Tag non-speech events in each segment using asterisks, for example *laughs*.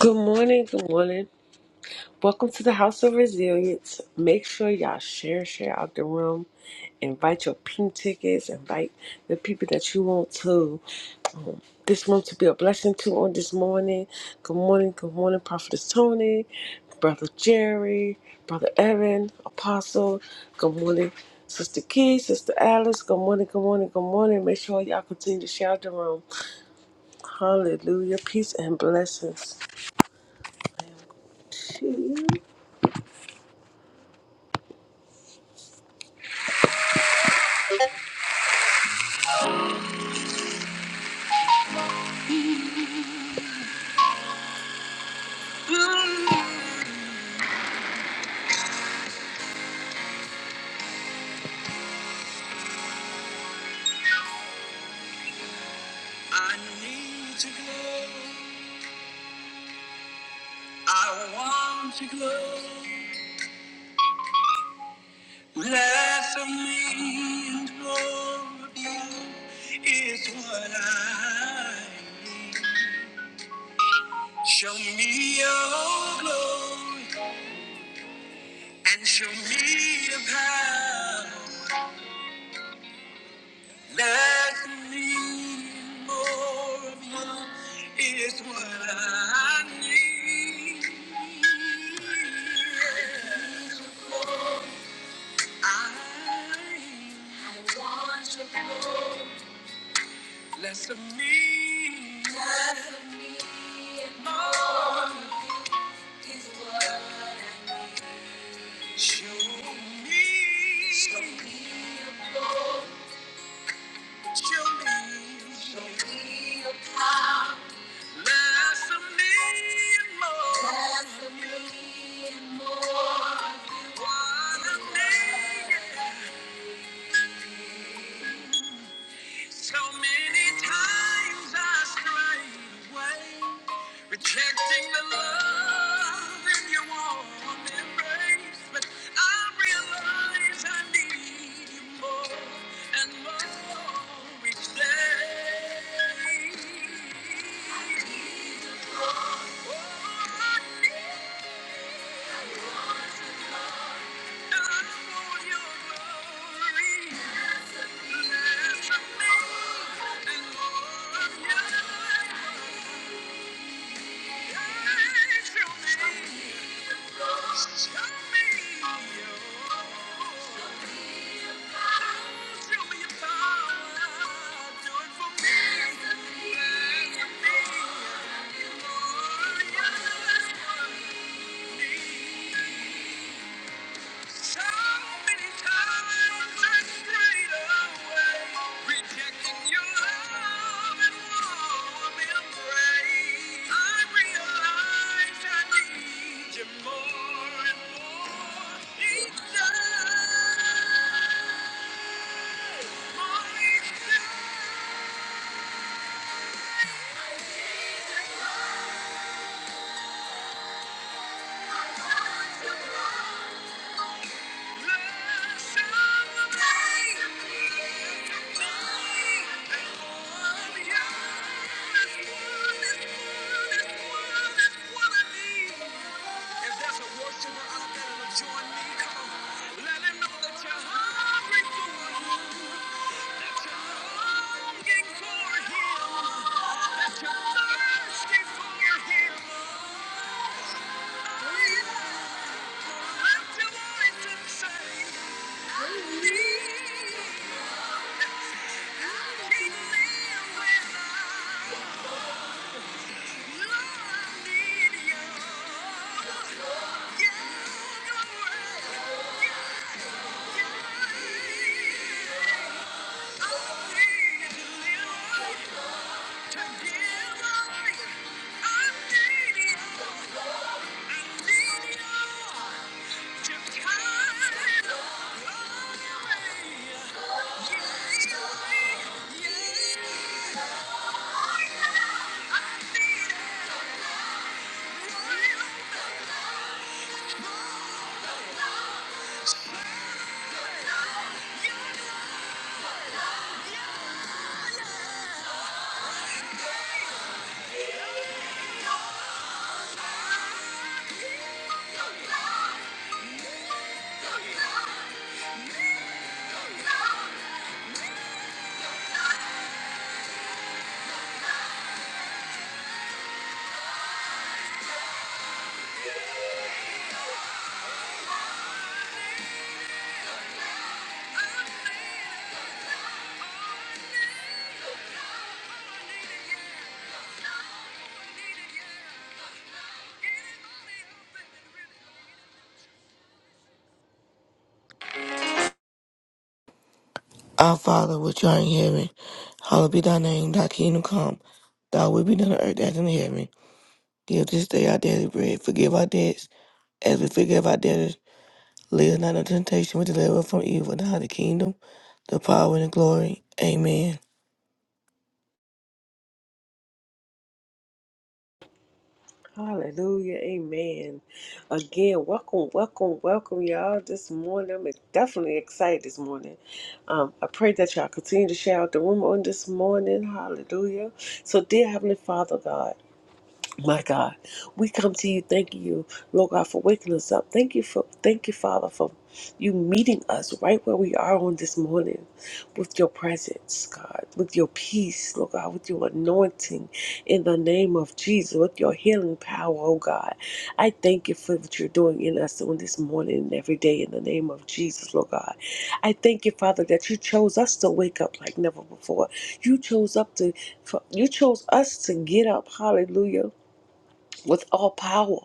Good morning, good morning. Welcome to the House of Resilience. Make sure y'all share, share out the room. Invite your pink tickets. Invite the people that you want to um, this room to be a blessing to on this morning. Good morning, good morning, Prophetess Tony, Brother Jerry, Brother Evan, Apostle. Good morning, Sister Key, Sister Alice. Good morning, good morning, good morning. Make sure y'all continue to share out the room. Hallelujah. Peace and blessings. I need to glow. I want to glow. Less of me and more of you is what I need. Show me your glory and show me the power. Less of me and more of you is what I need. I- Less of me. Less of me and more is what I need. Show me. Show me. Show me. Show me your power. Less of me and more. Less of me and more. What I need. So many times I strayed away, rejecting the love in your warm embrace. But I realize I need you more and more each day. Oh, I need you. Thank you. So many times I strayed away, rejecting your love and warm embrace. I realize I need you more and more each day. More each day. I need you more, more, more. what I need. If there's a worshiper out there that join me, come on. Let him know that you're hungry for him. That you're longing for him. That you're thirsty for him. Oh, yeah. Lift your voice and say, I need. I can't live without. Yeah. Our Father, which art in heaven, hallowed be thy name, thy kingdom come, thy will be done on earth as in heaven. Give this day our daily bread, forgive our debts, as we forgive our debtors. Lead us not into temptation, but deliver us from evil. Thou art the kingdom, the power, and the glory. Amen. Hallelujah, amen. Again, welcome, welcome, welcome, y'all. This morning, I'm definitely excited this morning. Um, I pray that y'all continue to share out the room on this morning. Hallelujah. So, dear Heavenly Father God. My God, we come to you. thanking you, Lord God, for waking us up. Thank you for, thank you, Father, for you meeting us right where we are on this morning, with your presence, God, with your peace, Lord God, with your anointing, in the name of Jesus, with your healing power, oh God. I thank you for what you're doing in us on this morning and every day, in the name of Jesus, Lord God. I thank you, Father, that you chose us to wake up like never before. You chose up to, for- you chose us to get up. Hallelujah with all power.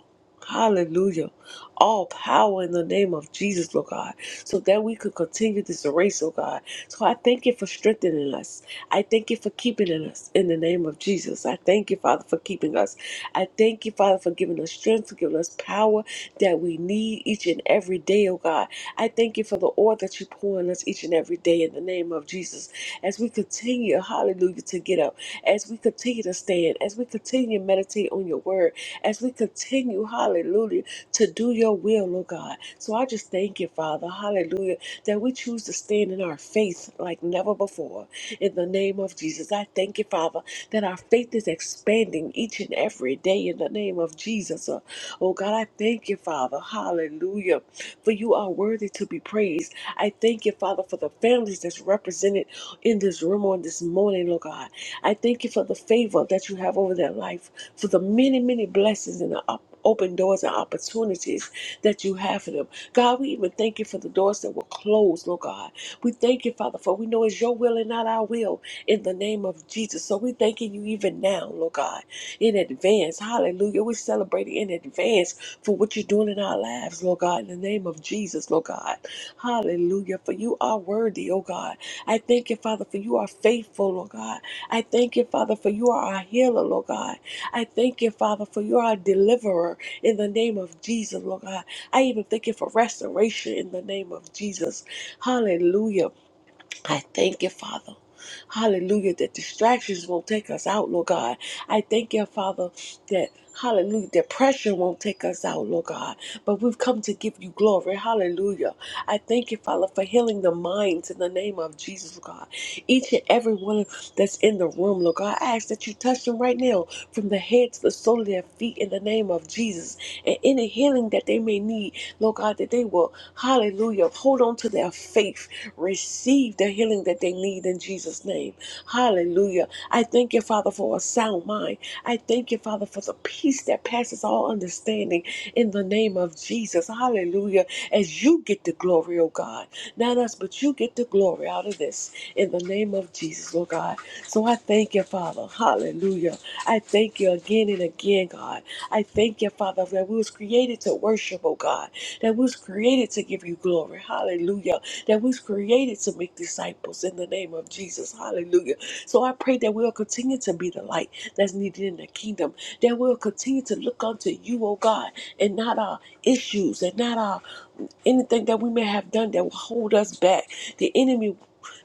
Hallelujah. All power in the name of Jesus, Lord God, so that we could continue this race, oh God. So I thank you for strengthening us. I thank you for keeping in us in the name of Jesus. I thank you, Father, for keeping us. I thank you, Father, for giving us strength, for giving us power that we need each and every day, oh God. I thank you for the oil that you pour on us each and every day in the name name of Jesus. As we continue, hallelujah, to get up, as we continue to stand, as we continue to meditate on your word, as we continue, hallelujah, to do your will, Lord God. So I just thank you, Father, hallelujah, that we choose to stand in our faith like never before. In the name of Jesus, I thank you, Father, that our faith is expanding each and every day in the name of Jesus. Uh, Oh God, I thank you, Father, hallelujah for you are worthy to be praised. I thank you, Father, for the families that's represented in this room on this morning, Lord God. I thank you for the favor that you have over their life, for the many, many blessings and the op- open doors and opportunities that you have for them. God, we even thank you for the doors that were closed, Lord God. We thank you, Father, for we know it's your will and not our will in the name of Jesus. So we thanking you even now, Lord God. God, in advance. Hallelujah. We're celebrating in advance for what you're doing in our lives, Lord God, in the name of Jesus, Lord God. Hallelujah. For you are worthy, oh God. I thank you, Father, for you are faithful, Lord God. I thank you, Father, for you are our healer, Lord God. I thank you, Father, for you are our deliverer in the name of Jesus, Lord God. I even thank you for restoration in the name of Jesus. Hallelujah. I thank you, Father. Hallelujah, that distractions won't take us out, Lord God. I thank you, Father, that hallelujah, that pressure won't take us out, Lord God. But we've come to give you glory. Hallelujah. I thank you, Father, for healing the minds in the name of Jesus, God. Each and every one that's in the room, Lord God, I ask that you touch them right now from the head to the sole of their feet in the name of Jesus. And any healing that they may need, Lord God, that they will, hallelujah, hold on to their faith, receive the healing that they need in Jesus' name. Hallelujah. I thank you, Father, for Father, for a sound mind. I thank you, Father, for the peace that passes all understanding in the name of Jesus. Hallelujah. As you get the glory, oh God. Not us, but you get the glory out of this in the name of Jesus, oh God. So I thank you, Father. Hallelujah. I thank you again and again, God. I thank you, Father, that we was created to worship, oh God, that we was created to give you glory. Hallelujah. That we was created to make disciples in the name of Jesus. Hallelujah. So I pray that we'll continue to be the light that's needed in the kingdom, that we'll continue to look unto you, oh God, and not our issues and not our anything that we may have done that will hold us back. The enemy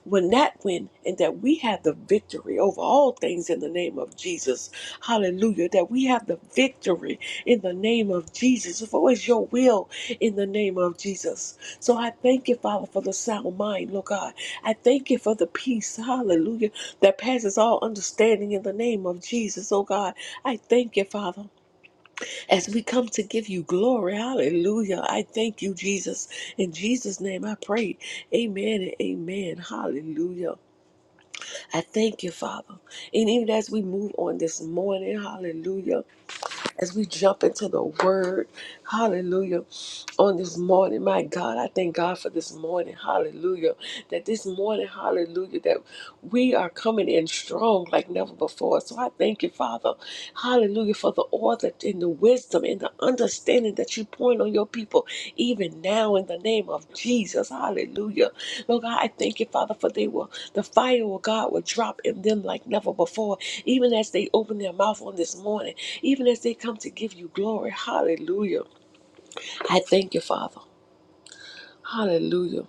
when that win and that we have the victory over all things in the name of Jesus. Hallelujah. That we have the victory in the name of Jesus. For it's your will in the name of Jesus. So I thank you, Father, for the sound mind, Lord God. I thank you for the peace, hallelujah, that passes all understanding in the name of Jesus, oh God. I thank you, Father, as we come to give you glory, hallelujah. I thank you, Jesus. In Jesus' name I pray. Amen and amen. Hallelujah. I thank you, Father. And even as we move on this morning, hallelujah, as we jump into the word, hallelujah on this morning. My God, I thank God for this morning. Hallelujah. That this morning, hallelujah, that we are coming in strong like never before. So I thank you, Father. Hallelujah, for the order and the wisdom and the understanding that you point on your people, even now in the name of Jesus. Hallelujah. Lord God, I thank you, Father, for they will the fire of God will drop in them like never before, even as they open their mouth on this morning, even as they come to give you glory. Hallelujah. I thank you, Father. Hallelujah.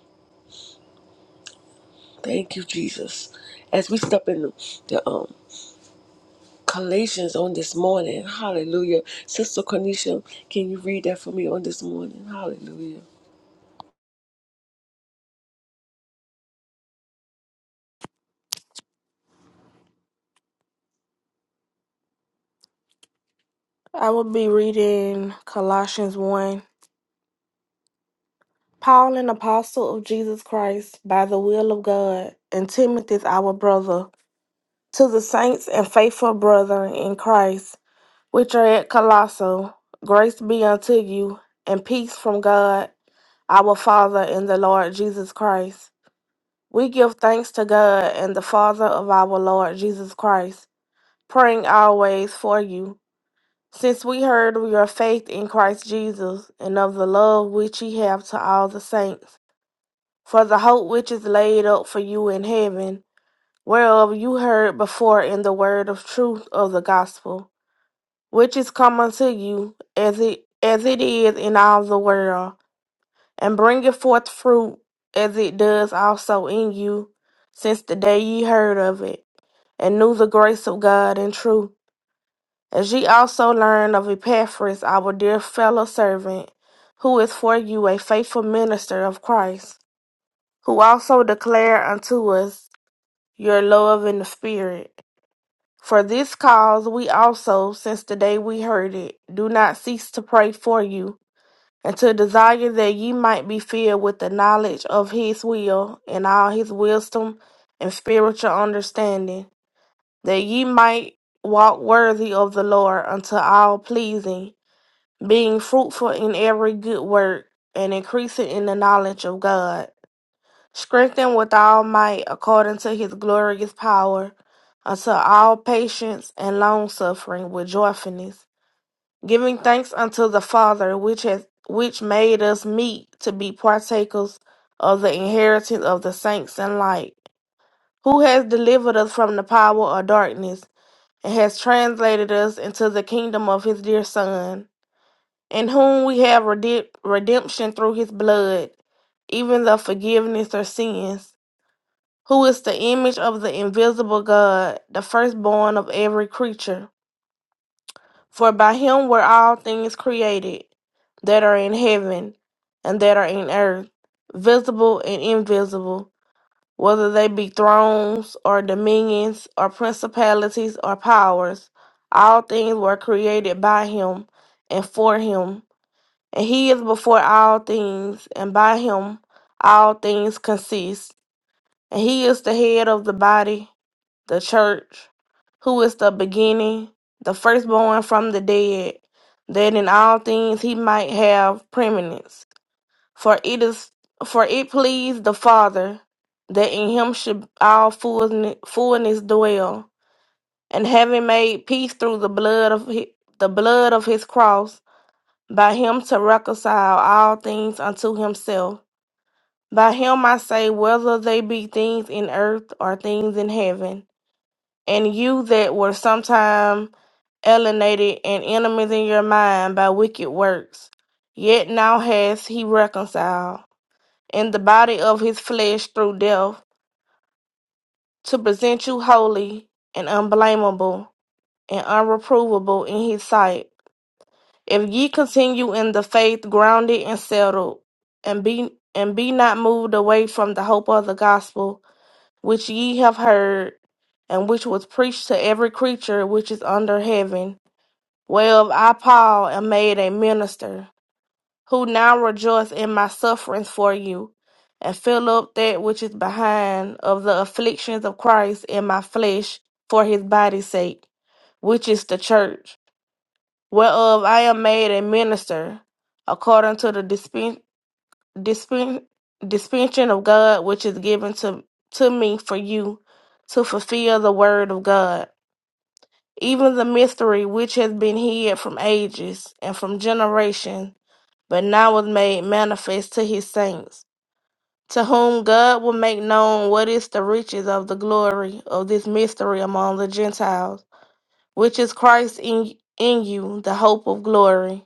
Thank you, Jesus. As we step in the um Galatians on this morning, hallelujah. Sister Cornisha, can you read that for me on this morning? Hallelujah. I will be reading Colossians 1. Paul, an apostle of Jesus Christ, by the will of God, and Timothy, our brother, to the saints and faithful brethren in Christ, which are at Colossae, grace be unto you, and peace from God, our Father, and the Lord Jesus Christ. We give thanks to God and the Father of our Lord Jesus Christ, praying always for you Since we heard of your faith in Christ Jesus and of the love which ye have to all the saints, for the hope which is laid up for you in heaven, whereof you heard before in the word of truth of the gospel, which is come unto you as it as it is in all the world, and bringeth forth fruit as it does also in you, since the day ye heard of it, and knew the grace of God in truth As ye also learn of Epaphras, our dear fellow servant, who is for you a faithful minister of Christ, who also declare unto us your love in the Spirit. For this cause we also, since the day we heard it, do not cease to pray for you, and to desire that ye might be filled with the knowledge of his will and all his wisdom and spiritual understanding, that ye might walk worthy of the Lord unto all pleasing being fruitful in every good work and increasing in the knowledge of God, strengthened with all might according to his glorious power, unto all patience and long suffering with joyfulness, giving thanks unto the Father which has which made us meet to be partakers of the inheritance of the saints in light, who has delivered us from the power of darkness and has translated us into the kingdom of his dear Son in whom we have redemp- redemption through his blood, even the forgiveness of sins, who is the image of the invisible God, the firstborn of every creature. For by him were all things created, that are in heaven and that are in earth, visible and invisible, whether they be thrones or dominions or principalities or powers. All things were created by him and for him and he is before all things, and by him all things consist. And he is the head of the body, the church, who is the beginning, the firstborn from the dead, that in all things he might have preeminence. For it is for it pleased the Father that in him should all fullness, fullness dwell. And having made peace through the blood of his, the blood of his cross by him to reconcile all things unto himself. By him I say, whether they be things in earth or things in heaven. And you that were sometime alienated and enemies in your mind by wicked works, yet now has he reconciled in the body of his flesh through death, to present you holy and unblameable and unreprovable in his sight. If ye continue in the faith, grounded and settled, and be and be not moved away from the hope of the gospel which ye have heard, and which was preached to every creature which is under heaven, whereof I Paul am made a minister, who now rejoice in my sufferings for you, and fill up that which is behind of the afflictions of Christ in my flesh for his body's sake, which is the church whereof I am made a minister, according to the dispen- dispen- dispensation of God which is given to, to me for you, to fulfill the word of God, even the mystery which has been hid from ages and from generation, but now was made manifest to his saints. To whom God will make known what is the riches of the glory of this mystery among the Gentiles, which is Christ in, in you, the hope of glory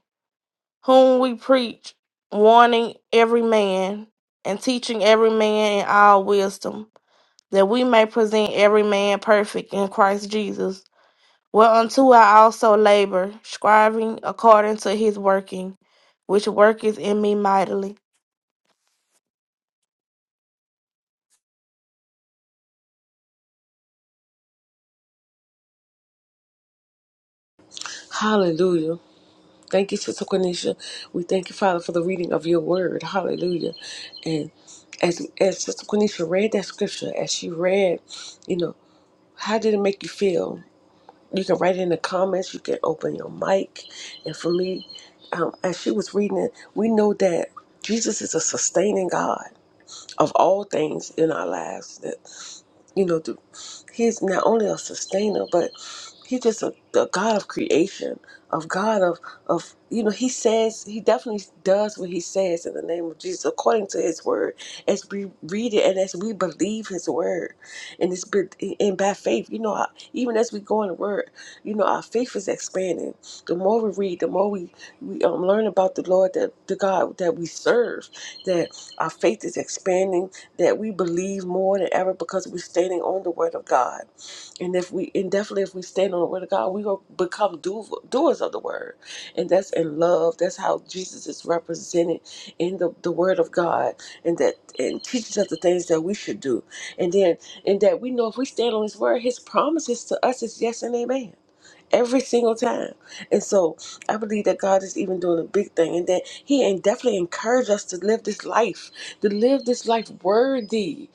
whom we preach, warning every man and teaching every man in all wisdom, that we may present every man perfect in Christ Jesus. Whereunto I also labor, striving according to his working, which worketh in me mightily. Hallelujah. Thank you, Sister Cornisha. We thank you, Father, for the reading of your word. Hallelujah. And as as Sister Cornisha read that scripture, as she read, you know, how did it make you feel? you can write in the comments. You can open your mic. And for me, um, as she was reading it, we know that Jesus is a sustaining God of all things in our lives you know, the, he's not only a sustainer, but he's just a, the God of creation, of God of of you know, he says he definitely does what he says in the name of Jesus according to his word, as we read it and as we believe his word, and it's been and by faith, you know, I- even as we go in the word, you know, our faith is expanding. The more we read, the more we we um, learn about the Lord that the God that we serve that our faith is expanding, that we believe more than ever because we're standing on the word of God. And if we, and definitely if we stand on the word of God, we will become do, doers of the word. And that's in love. That's how Jesus is represented in the, the word of God and that, and teaches us the things that we should do. And then, and that we know if we stand on his word, his promises to us is yes and amen every single time. And so, I believe that God is even doing a big thing and that He and definitely encouraged us to live this life, to live this life worthy.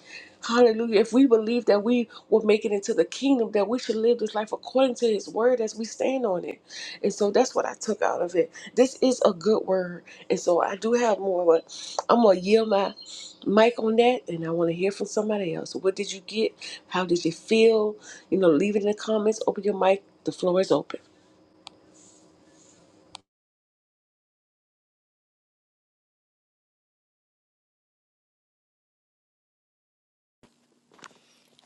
Hallelujah. If we believe that we will make it into the kingdom, that we should live this life according to His word as we stand on it. And so that's what I took out of it. This is a good word. And so I do have more, but I'm going to yield my mic on that and I want to hear from somebody else. What did you get? How did you feel? You know, leave it in the comments, open your mic. The floor is open.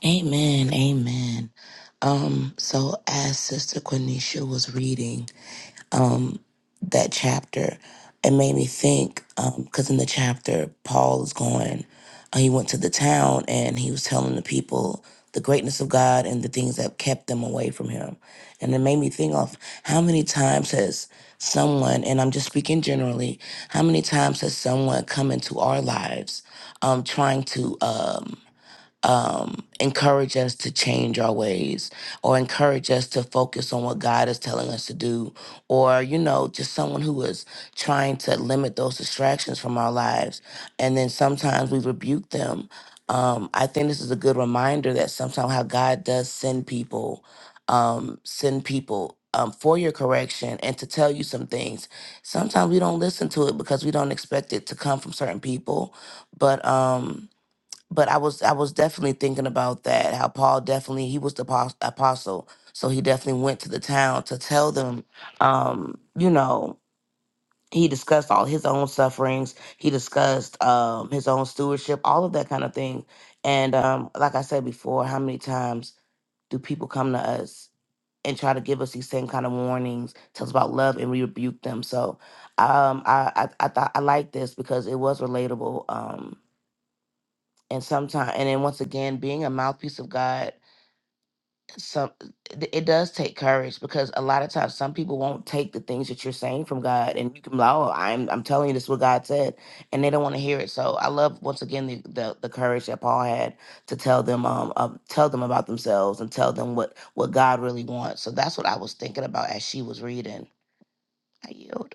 Amen. Amen. Um, so as Sister Quenisha was reading um that chapter, it made me think, um, because in the chapter Paul is going, uh, he went to the town and he was telling the people the greatness of God and the things that kept them away from him. And it made me think of how many times has someone, and I'm just speaking generally, how many times has someone come into our lives um trying to um um, encourage us to change our ways or encourage us to focus on what God is telling us to do, or, you know, just someone who is trying to limit those distractions from our lives. And then sometimes we rebuke them. Um, I think this is a good reminder that sometimes how God does send people, um, send people. Um, for your correction and to tell you some things. Sometimes we don't listen to it because we don't expect it to come from certain people. But um, but I was I was definitely thinking about that. How Paul definitely he was the apos- apostle, so he definitely went to the town to tell them. Um, you know, he discussed all his own sufferings. He discussed um, his own stewardship, all of that kind of thing. And um, like I said before, how many times do people come to us and try to give us these same kind of warnings, tell us about love, and we rebuke them? So um, I I, I thought I like this because it was relatable. Um, and sometimes and then once again being a mouthpiece of god some it it does take courage because a lot of times some people won't take the things that you're saying from god and you can be like oh i'm, I'm telling you this is what god said and they don't want to hear it so i love once again the, the, the courage that paul had to tell them um, um tell them about themselves and tell them what what god really wants so that's what i was thinking about as she was reading i yield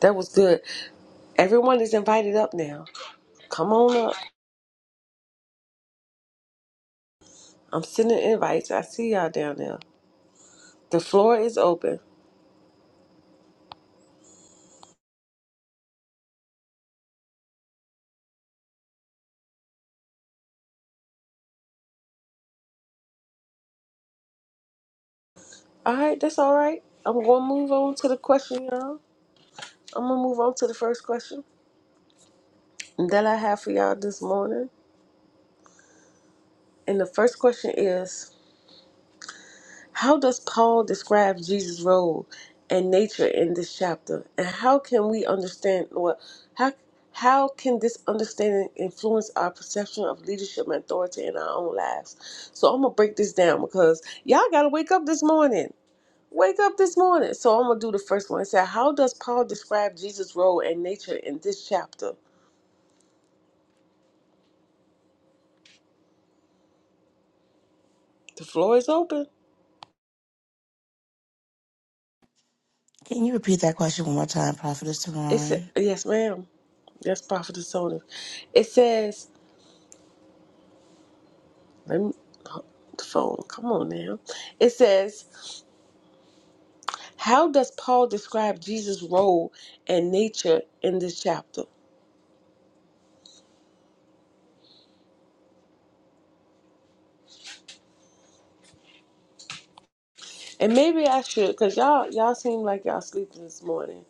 That was good. Everyone is invited up now. Come on up. I'm sending invites. I see y'all down there. The floor is open. All right, that's all right. I'm going to move on to the question, y'all. I'm going to move on to the first question that I have for y'all this morning. And the first question is How does Paul describe Jesus' role and nature in this chapter? And how can we understand, Lord, how, how can this understanding influence our perception of leadership and authority in our own lives? So I'm going to break this down because y'all got to wake up this morning. Wake up this morning. So I'm going to do the first one. It said, How does Paul describe Jesus' role and nature in this chapter? The floor is open. Can you repeat that question one more time, Prophetess It said, Teron? Yes, ma'am. Yes, Prophet Sona. It says, Let me the phone. Come on now. It says, How does Paul describe Jesus' role and nature in this chapter? And maybe I should, cause y'all y'all seem like y'all sleeping this morning.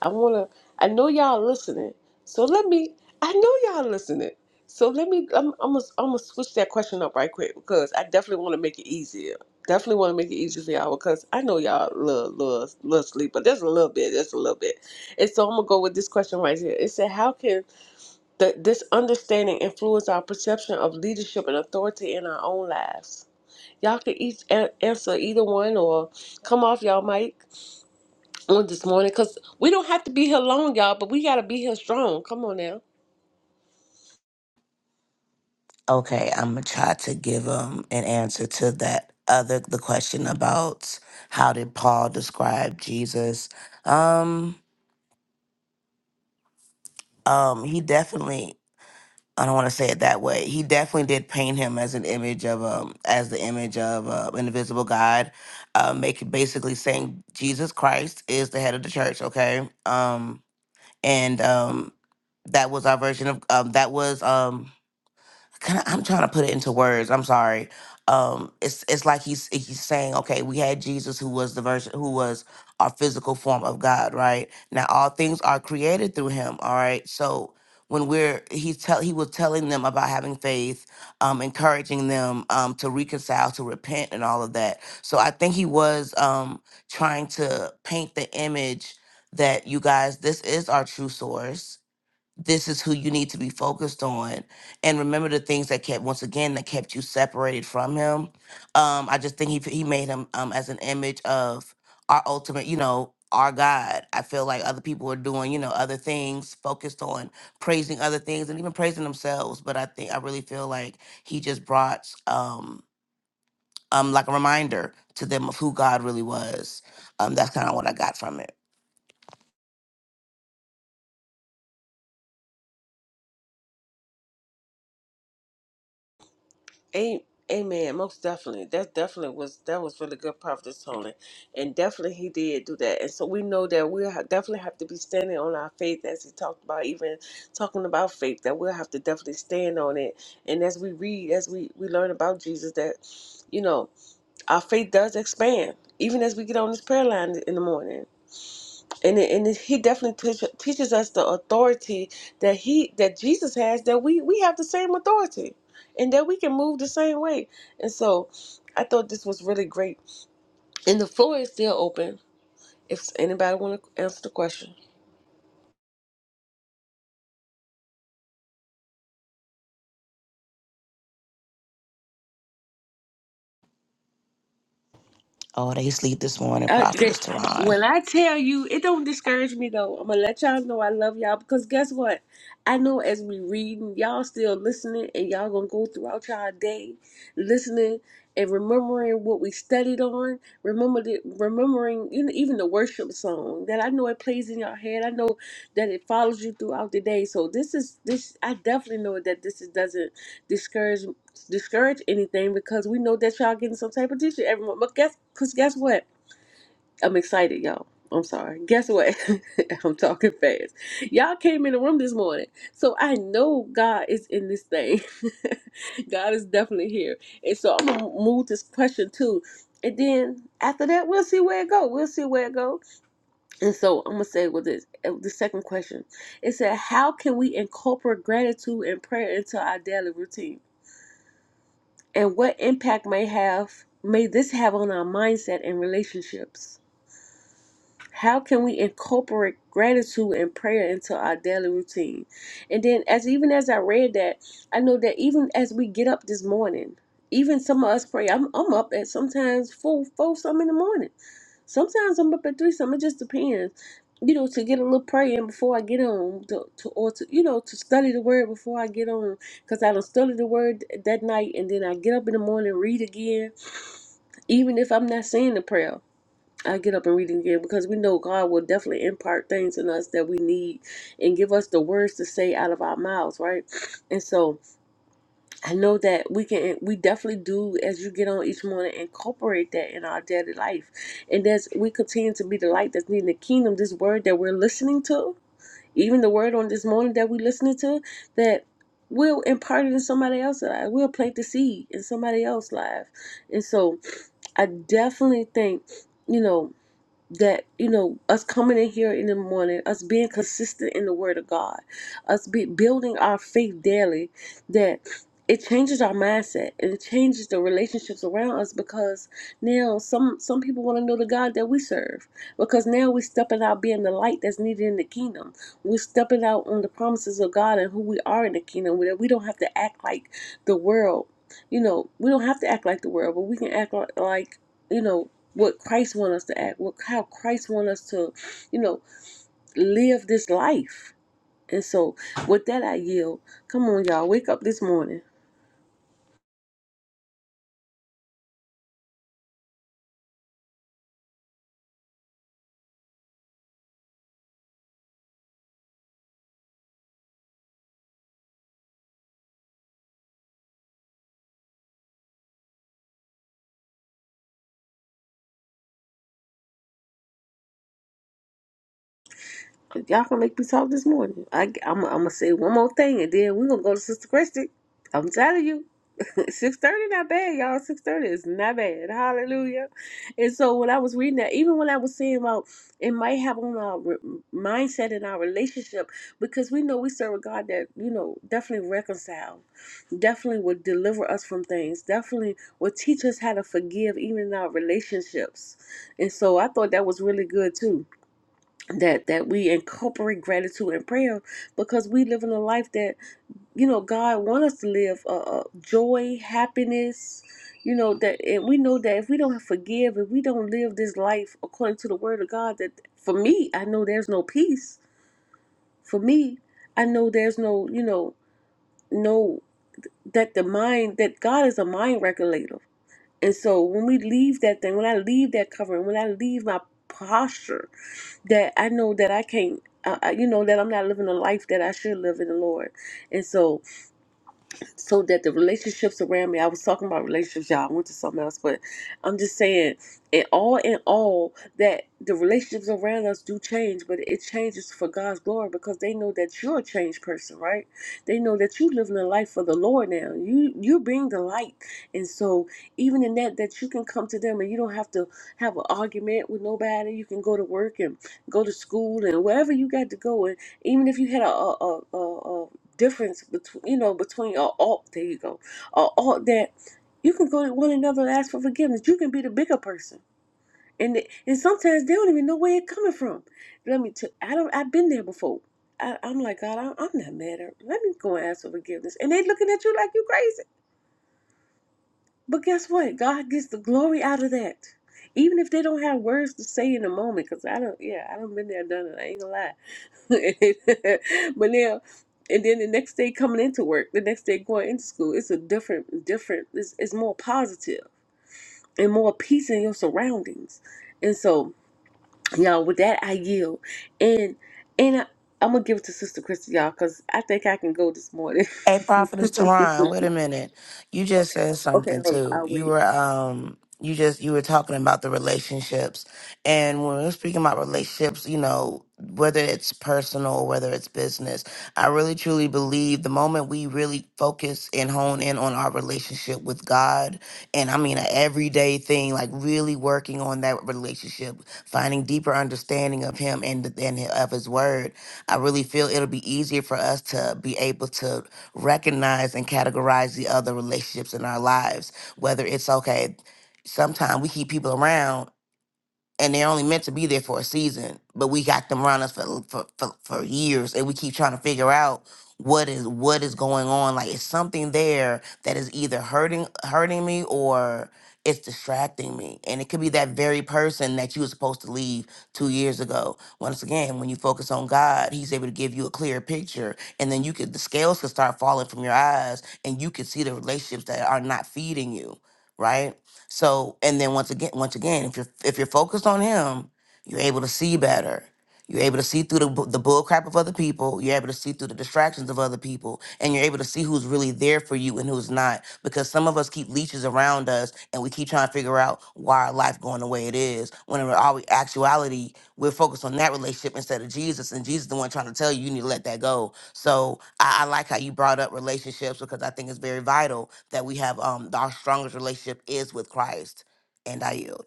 I wanna. I know y'all listening, so let me. I know y'all listening, so let me. I'm I'm gonna I'm gonna switch that question up right quick because I definitely want to make it easier. Definitely want to make it easier for y'all because I know y'all love love love sleep, but there's a little bit, there's a little bit. And so I'm gonna go with this question right here. It said, "How can the, this understanding influence our perception of leadership and authority in our own lives?" Y'all could each a- answer either one or come off y'all mic on this morning because we don't have to be here long, y'all, but we got to be here strong. Come on now. Okay, I'm gonna try to give him an answer to that other the question about how did Paul describe Jesus. Um, um, he definitely I don't want to say it that way. He definitely did paint him as an image of um as the image of uh, an invisible God, uh, make basically saying Jesus Christ is the head of the church. Okay, um, and um, that was our version of um that was um can I, am trying to put it into words. I'm sorry. Um, it's it's like he's he's saying, okay, we had Jesus who was the version who was our physical form of God, right? Now all things are created through him. All right. So when we're he's tell he was telling them about having faith, um, encouraging them um to reconcile, to repent and all of that. So I think he was um trying to paint the image that you guys, this is our true source this is who you need to be focused on and remember the things that kept once again that kept you separated from him um i just think he he made him um as an image of our ultimate you know our god i feel like other people are doing you know other things focused on praising other things and even praising themselves but i think i really feel like he just brought um um like a reminder to them of who god really was um that's kind of what i got from it A- Amen. Most definitely. That definitely was, that was really good, Prophet Tony. And definitely he did do that. And so we know that we ha- definitely have to be standing on our faith as he talked about, even talking about faith, that we'll have to definitely stand on it. And as we read, as we, we learn about Jesus, that, you know, our faith does expand. Even as we get on this prayer line in the morning, and it, and it, he definitely teach, teaches us the authority that he that Jesus has that we we have the same authority and that we can move the same way and so I thought this was really great and the floor is still open if anybody want to answer the question Oh, they sleep this morning, Uh, they, Prophetess Teron. when I tell you, it don't discourage me though. I'm gonna let y'all know I love y'all because guess what? I know as we reading, y'all still listening, and y'all gonna go throughout y'all day listening and remembering what we studied on. Remember the, remembering you know, even the worship song that I know it plays in your head. I know that it follows you throughout the day. So this is this. I definitely know that this is, doesn't discourage discourage anything because we know that y'all getting some type of teaching every month. But guess, cause guess what? I'm excited, y'all. I'm sorry. Guess what? *laughs* I'm talking fast. Y'all came in the room this morning. So I know God is in this thing. *laughs* God is definitely here. And so I'm going to move this question too. And then after that, we'll see where it go. We'll see where it go. And so I'm going to say with this, uh, the second question. It said, how can we incorporate gratitude and prayer into our daily routine? And what impact may have may this have on our mindset and relationships? How can we incorporate gratitude and prayer into our daily routine? And then, as even as I read that, I know that even as we get up this morning, even some of us pray. I'm, I'm up at sometimes four, four some in the morning. Sometimes I'm up at three some. It just depends, you know, to get a little prayer in before I get on, to, to or to you know to study the word before I get on, because I don't study the word that night, and then I get up in the morning read again, even if I'm not saying the prayer I get up and read it again because we know God will definitely impart things in us that we need and give us the words to say out of our mouths, right? And so I know that we can, we definitely do as you get on each morning, incorporate that in our daily life. And as we continue to be the light that's needed in the kingdom, this word that we're listening to, even the word on this morning that we're listening to, that will impart it in somebody else's life. We'll plant the seed in somebody else's life. And so I definitely think, you know, that you know us coming in here in the morning us being consistent in the word of god us be building our faith daily that it changes our mindset and it changes the relationships around us because now some some people want to know the god that we serve because now we're stepping out being the light that's needed in the kingdom. We're stepping out on the promises of God and who we are in the kingdom. We don't have to act like the world. You know, we don't have to act like the world, but we can act like, like you know, what Christ wants us to act, what how Christ wants us to, you know, live this life. And so with that I yield. Come on, y'all, wake up this morning. But y'all gonna make me talk this morning. I, i am gonna say one more thing, and then we're gonna go to Sister Christie. I'm telling you, *laughs* six thirty not bad, y'all. Six thirty is not bad. Hallelujah. And so when I was reading that, even when I was saying about it might have on our re- mindset and our relationship, because we know we serve a God that you know definitely reconcile. Definitely will deliver us from things. Definitely will teach us how to forgive, even in our relationships. And so I thought that was really good too that that we incorporate gratitude and prayer because we live in a life that you know God wants us to live uh, uh, joy, happiness. You know that, and we know that if we don't forgive, if we don't live this life according to the Word of God, that for me, I know there's no peace. For me, I know there's no, you know, no that the mind that God is a mind regulator and so when we leave that thing, when I leave that covering, when I leave my posture, that I know that I can't, uh, uh, you know, that I'm not living a life that I should live in the Lord. And so so that the relationships around me, I was talking about relationships, y'all, I went to something else, but I'm just saying, in all in all, that the relationships around us do change, but it changes for God's glory because they know that you're a changed person, right? They know that you living a life for the Lord now. You you're being the light. And so even in that that you can come to them and you don't have to have an argument with nobody. You can go to work and go to school and wherever you got to go and even if you had a, a, a, a, difference between you know between a alt there you go a alt that you can go to one another and ask for forgiveness you can be the bigger person and it- and sometimes they don't even know where it's coming from let me tell i don't i've been there before I, i'm like god I, i'm not mad at let me go and ask for forgiveness and they looking at you like you crazy but guess what god gets the glory out of that even if they don't have words to say in the moment because i don't yeah i don't been there done it i ain't gonna lie *laughs* but now, and then the next day coming into work, the next day going into school, it's a different, different. It's, it's more positive and more peace in your surroundings. And so, y'all, with that, I yield. And and I, I'm gonna give it to Sister Christy, y'all, because I think I can go this morning. Hey, *laughs* okay, Prophetess Teron, wait a minute. You just said something hold on, too. I'll You wait. were um you just you were talking about the relationships. And when we're speaking about relationships, you know, whether it's personal, whether it's business, I really truly believe the moment we really focus and hone in on our relationship with God, and I mean an everyday thing, like really working on that relationship, finding deeper understanding of him and and of his word I really feel it'll be easier for us to be able to recognize and categorize the other relationships in our lives, whether it's okay. Sometimes we keep people around and they're only meant to be there for a season, but we got them around us for, for for for years, and we keep trying to figure out what is what is going on. Like it's something there that is either hurting hurting me or it's distracting me, and it could be that very person that you were supposed to leave two years ago. Once again, when you focus on God, He's able to give you a clear picture, and then you could the scales could start falling from your eyes, and you could see the relationships that are not feeding you, right? So, and then once again, once again, if you're if you're focused on him, you're able to see better. You're able to see through the bu- the bull crap of other people. You're able to see through the distractions of other people, and you're able to see who's really there for you and who's not. Because some of us keep leeches around us, and we keep trying to figure out why our life going the way it is. When in all actuality, we're focused on that relationship instead of Jesus. And Jesus is the one trying to tell you you need to let that go. So I, I like how you brought up relationships because I think it's very vital that we have um our strongest relationship is with Christ. And I yield.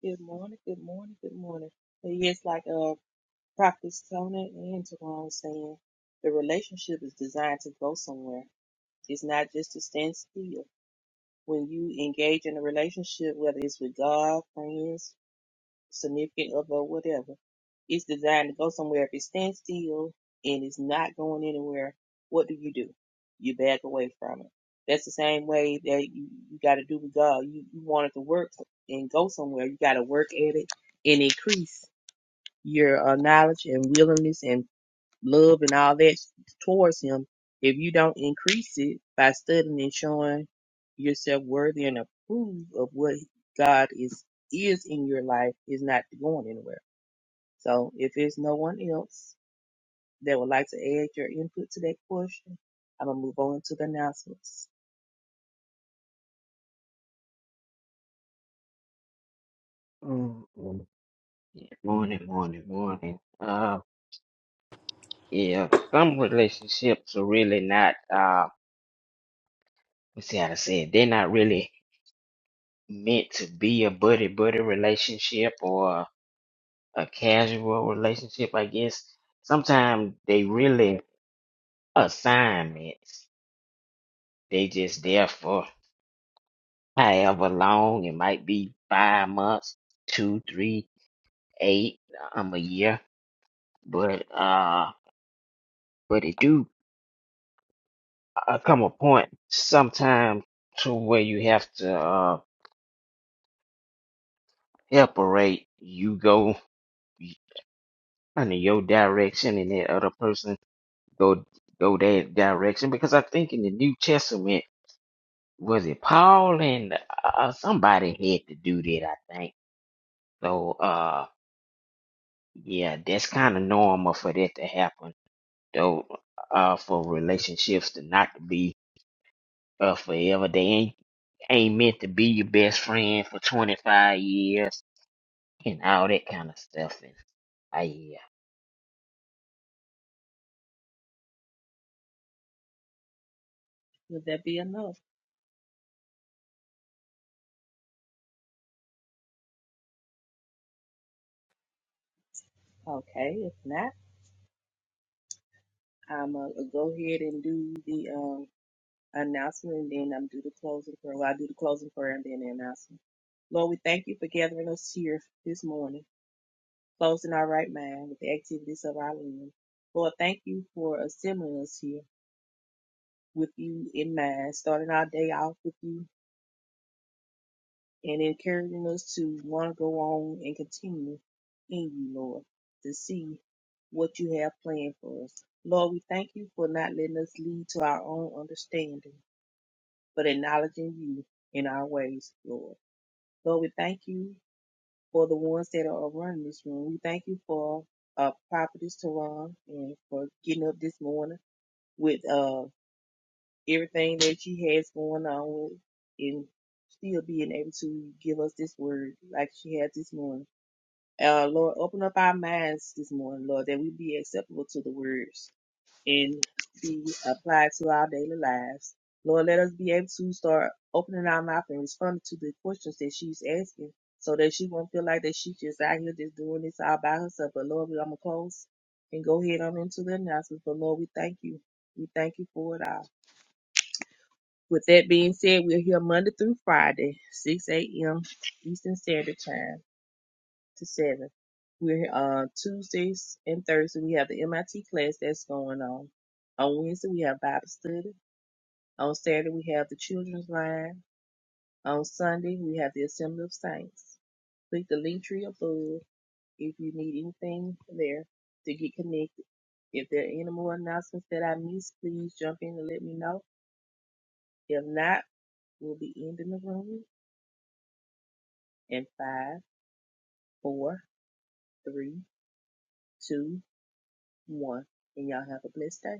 Good morning, good morning, good morning. But yes, like uh Prophet Tona and Tyrone was saying, the relationship is designed to go somewhere. It's not just to stand still. When you engage in a relationship, whether it's with God, friends, significant other or whatever, it's designed to go somewhere. If it stands still and it's not going anywhere, what do you do? You back away from it. That's the same way that you, you got to do with God. You, you want it to work and go somewhere. You got to work at it and increase your uh, knowledge and willingness and love and all that towards him, if you don't increase it by studying and showing yourself worthy and approved of what God is is in your life, is not going anywhere. So if there's no one else that would like to add your input to that question, I'm gonna move on to the announcements. Mm, mm, yeah, morning, morning, morning. Uh, yeah, some relationships are really not, uh, let's see how to say it, they're not really meant to be a buddy buddy relationship or a casual relationship, I guess. Sometimes they really assignments. They just there for however long. It might be five months, two, three, eight, um, a year. But, uh, but it do uh, come a point sometime to where you have to uh, separate. You go under your direction, and that other person go go their direction. Because I think in the New Testament was it Paul and uh, somebody had to do that. I think so. Uh, yeah, that's kind of normal for that to happen, though. Uh, for relationships to not to be uh forever, they ain't ain't meant to be your best friend for twenty five years and all that kind of stuff. And I yeah. Would that be enough? Okay, if not, I'm gonna go ahead and do the um announcement and then I'm do the closing prayer. Well, I do the closing prayer and then the announcement. Lord, we thank you for gathering us here this morning, closing our right mind with the activities of our limbs. Lord, thank you for assembling us here with you in mind, starting our day off with you and encouraging us to want to go on and continue in you, Lord, to see what you have planned for us. Lord, we thank you for not letting us lead to our own understanding, but acknowledging you in our ways, Lord. Lord, we thank you for the ones that are running this room. We thank you for uh, Prophetess Teron and for getting up this morning with uh, everything that she has going on with and still being able to give us this word like she has this morning. Uh, Lord, open up our minds this morning, Lord, that we be acceptable to the word and be applied to our daily lives. Lord, let us be able to start opening our mouth and responding to the questions that she's asking so that she won't feel like that she just out here just doing this all by herself. But Lord, we're gonna close and go ahead on into the announcements. But Lord, we thank you. We thank you for it all. With that being said, we're here Monday through Friday, 6 a.m. Eastern Standard Time to 7. We're uh, Tuesdays and Thursdays. We have the MIT class that's going on. On Wednesday, we have Bible study. On Saturday, we have the children's line. On Sunday, we have the Assembly of Saints. Click the link tree above if you need anything there to get connected. If there are any more announcements that I missed, please jump in and let me know. If not, we'll be ending the room in five, four, three, two, one. And y'all have a blessed day.